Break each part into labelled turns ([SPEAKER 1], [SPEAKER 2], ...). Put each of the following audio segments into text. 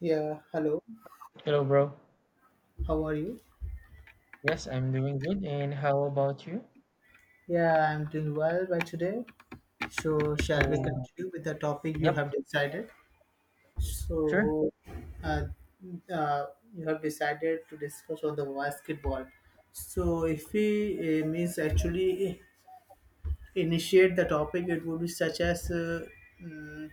[SPEAKER 1] Yeah, hello.
[SPEAKER 2] Hello, bro.
[SPEAKER 1] How are you?
[SPEAKER 2] Yes, I'm doing good. And how about you?
[SPEAKER 1] Yeah, I'm doing well by today. So, shall we
[SPEAKER 2] So,
[SPEAKER 1] continue with the topic you
[SPEAKER 2] yep,
[SPEAKER 1] have decided?
[SPEAKER 2] sure.
[SPEAKER 1] So, uh, uh, you have decided to discuss on the basketball. So, if we means actually initiate the topic, it would be such as mm,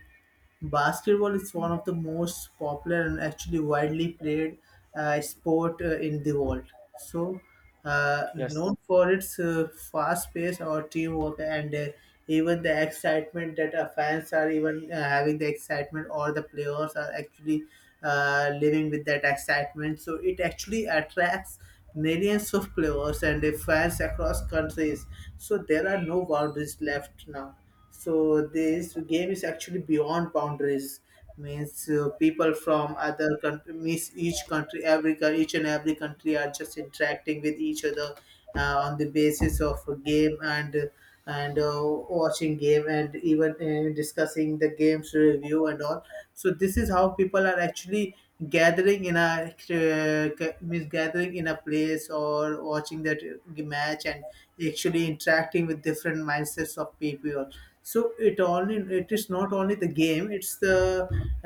[SPEAKER 1] basketball is one of the most popular and actually widely played sport in the world. So,
[SPEAKER 2] Yes.
[SPEAKER 1] known for its fast pace or teamwork and even the excitement that our fans are even having the excitement, or the players are actually living with that excitement. So, it actually attracts millions of players and fans across countries. So, there are no boundaries left now, so this game is actually beyond boundaries. Means People from other country, means each country, every each and every country are just interacting with each other on the basis of a game, and watching game and even discussing the games review and all. So this is how people are actually gathering in a means gathering in a place or watching that match and actually interacting with different mindsets of people. So it only, it is not only the game,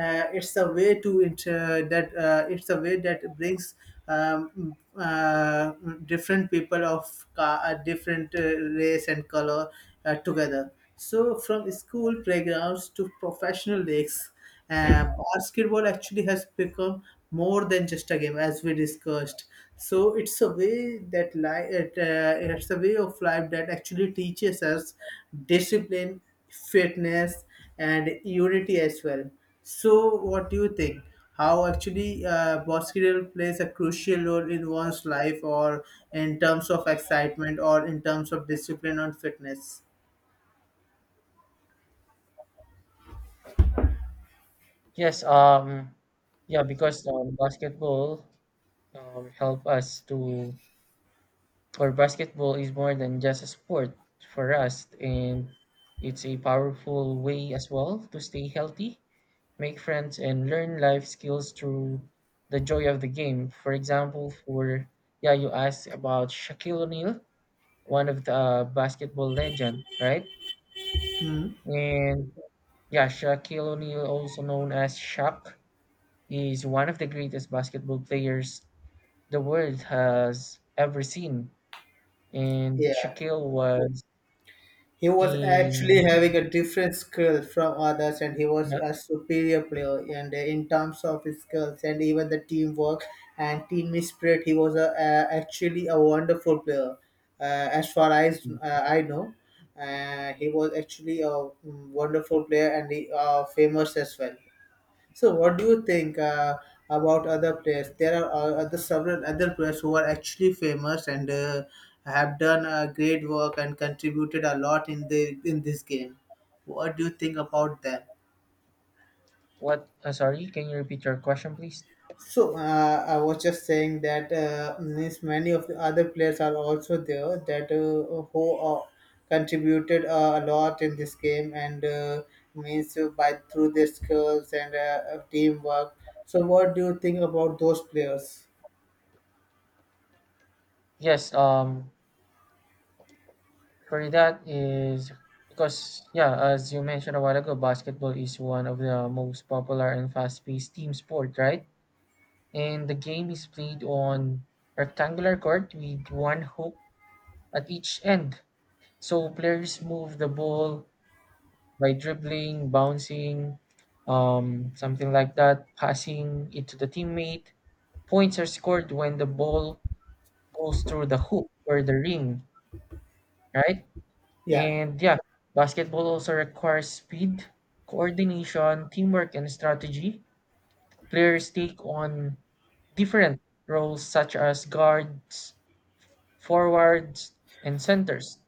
[SPEAKER 1] it's the way to inter that it's the way that brings um, uh, different people of different race and color together. So from school playgrounds to professional leagues, basketball actually has become more than just a game, as we discussed. So it's a way that life, it, it's a way of life that actually teaches us discipline, fitness, and unity as well. So, what do you think? How actually basketball plays a crucial role in one's life, or in terms of excitement, or in terms of discipline and fitness?
[SPEAKER 2] Yes, um, yeah, because basketball help us to, or basketball is more than just a sport for us, and it's a powerful way as well to stay healthy, make friends, and learn life skills through the joy of the game. For example, for yeah, you asked about Shaquille O'Neal, one of the basketball legend, right? And yeah, Shaquille O'Neal, also known as Shaq, is one of the greatest basketball players the world has ever seen. And
[SPEAKER 1] Yeah.
[SPEAKER 2] Shaquille was
[SPEAKER 1] He was actually
[SPEAKER 2] in
[SPEAKER 1] having a different skill from others, and he was a superior player. And in terms of his skills and even the teamwork and team spirit, he was actually a wonderful player. As far as I know, he was actually a wonderful player, and he famous as well. So, what do you think about other players? There are other several other players who are actually famous and have done great work and contributed a lot in the in this game. What do you think about them?
[SPEAKER 2] what? Sorry, can you repeat your question, please?
[SPEAKER 1] So I was just saying that means many of the other players are also there, that who contributed a lot in this game and means by through their skills and teamwork. So what do you think about those players?
[SPEAKER 2] Yes. For that is because yeah, as you mentioned a while ago, basketball is one of the most popular and fast-paced team sport, right? And the game is played on rectangular court with one hoop at each end. So players move the ball by dribbling, bouncing, something like that, passing it to the teammate. Points are scored when the ball goes through the hoop or the ring, right?
[SPEAKER 1] Yeah.
[SPEAKER 2] And yeah, basketball also requires speed, coordination, teamwork, and strategy. Players take on different roles such as guards, forwards, and centers,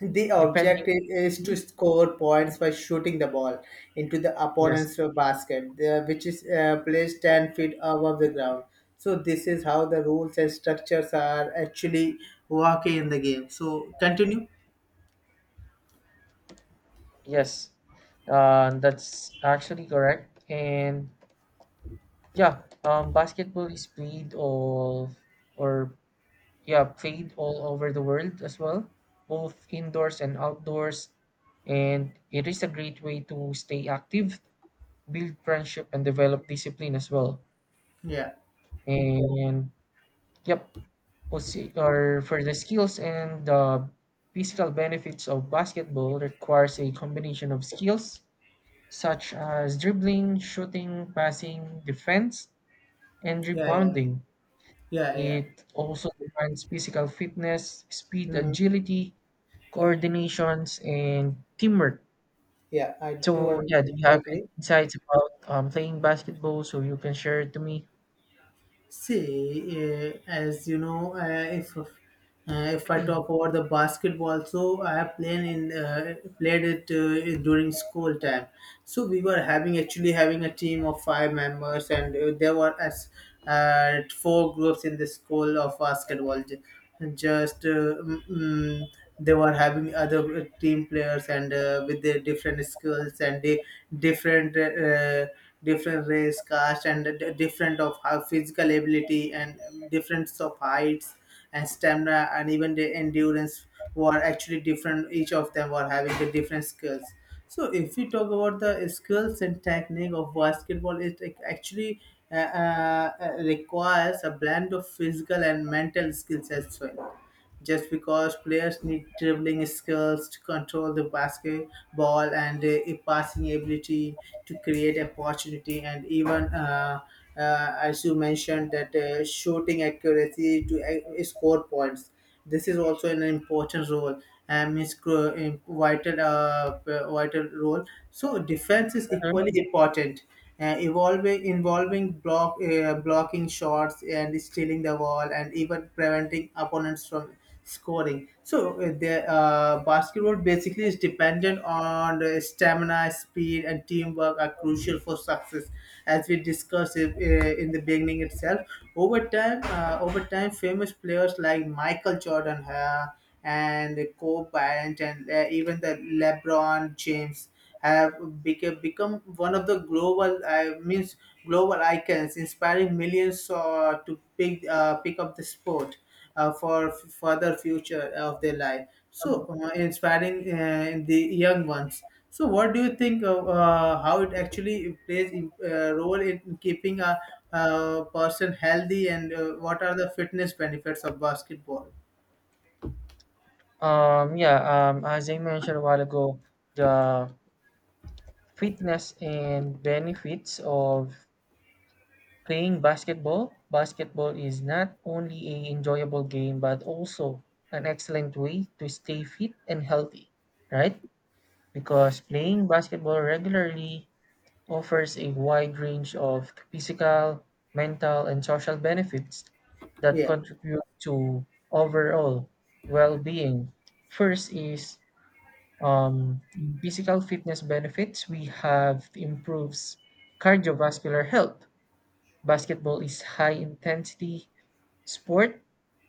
[SPEAKER 1] The
[SPEAKER 2] depending.
[SPEAKER 1] objective is to
[SPEAKER 2] Mhm.
[SPEAKER 1] score points by shooting the ball into the
[SPEAKER 2] Yes.
[SPEAKER 1] opponent's basket, which is placed 10 feet above the ground. So, this is how the rules and structures are actually working in the game. So, continue.
[SPEAKER 2] Yes, that's actually correct. And yeah, basketball is played all or yeah, played all over the world as well, both indoors and outdoors. And it is a great way to stay active, build friendship, and develop discipline as well.
[SPEAKER 1] Yeah.
[SPEAKER 2] And yep, posi- or for the skills and the physical benefits of basketball requires a combination of skills such as dribbling, shooting, passing, defense, and
[SPEAKER 1] Yeah.
[SPEAKER 2] rebounding.
[SPEAKER 1] Yeah. Yeah. Yeah.
[SPEAKER 2] It also demands physical fitness, speed,
[SPEAKER 1] Hmm.
[SPEAKER 2] agility, coordinations, and teamwork.
[SPEAKER 1] Yeah.
[SPEAKER 2] So, yeah, do you have any
[SPEAKER 1] Agree.
[SPEAKER 2] insights about playing basketball so you can share it to me?
[SPEAKER 1] See, as you know, if uh, if I talk about the basketball, so I have played it during school time. So we were having a team of 5 members, and there were as 4 groups in the school of basketball. Just uh, mm, mm, they were having other team players and with their different skills, and they different. Different race, caste, and different of how physical ability and difference of heights and stamina and even the endurance were actually different. Each of them were having the different skills. So if we talk about the skills and technique of basketball, it actually requires a blend of physical and mental skills as well, just because players need dribbling skills to control the basketball and a passing ability to create opportunity and even as you mentioned, that shooting accuracy to score points, this is also an important role and is cru- in vital vital role. So defense is equally important, evolving involving blocking shots and stealing the ball and even preventing opponents from scoring. So the basketball basically is dependent on the stamina, speed, and teamwork are crucial for success. As we discussed it, in the beginning itself, over time, famous players like Michael Jordan and Kobe Bryant and even the LeBron James have become one of the global means global icons, inspiring millions to pick up the sport for further future of their life.
[SPEAKER 2] Mhm.
[SPEAKER 1] So inspiring the young ones. So what do you think of how it actually plays a role in keeping a person healthy and what are the fitness benefits of basketball?
[SPEAKER 2] Yeah, as I mentioned a while ago, the fitness and benefits of playing basketball, basketball is not only a enjoyable game but also an excellent way to stay fit and healthy, right? Because playing basketball regularly offers a wide range of physical, mental, and social benefits that
[SPEAKER 1] Yeah.
[SPEAKER 2] contribute to overall well-being. First is um, physical fitness benefits. We have improves cardiovascular health. Basketball is high intensity sport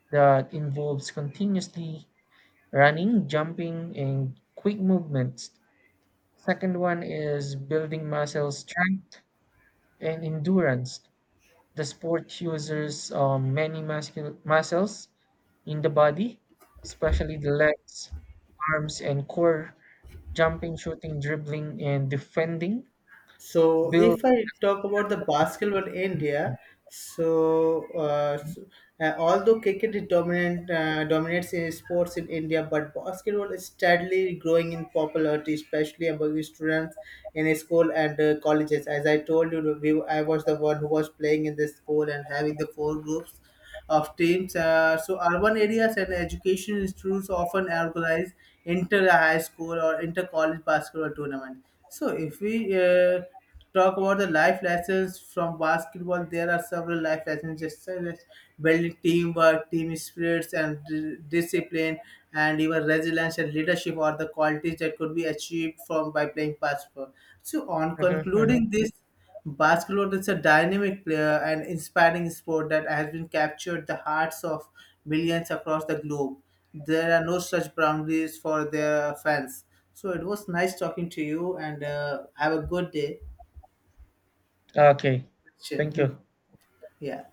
[SPEAKER 2] that involves continuously running, jumping and quick movements. Second one is building muscle strength and endurance. The sport uses many muscles in the body, especially the legs, arms, and core. Jumping, shooting, dribbling, and defending
[SPEAKER 1] So
[SPEAKER 2] build.
[SPEAKER 1] if I talk about the basketball in India, so, although cricket is dominant dominates in sports in India, but basketball is steadily growing in popularity, especially among students in school and colleges. As I told you, I was the one who was playing in this school and having the 4 groups of teams. So urban areas and education institutes often organize inter high school or inter college basketball tournament. So if we talk about the life lessons from basketball, there are several life lessons, just as building teamwork, team spirits, and discipline, and even resilience and leadership are the qualities that could be achieved from by playing basketball. So on
[SPEAKER 2] Mhm, mhm.
[SPEAKER 1] concluding this. Basketball is a dynamic player and inspiring sport that has been captured the hearts of millions across the globe. There are no such boundaries for their fans. So it was nice talking to you, and have a good day.
[SPEAKER 2] Okay,
[SPEAKER 1] Chin.
[SPEAKER 2] thank you.
[SPEAKER 1] Yeah.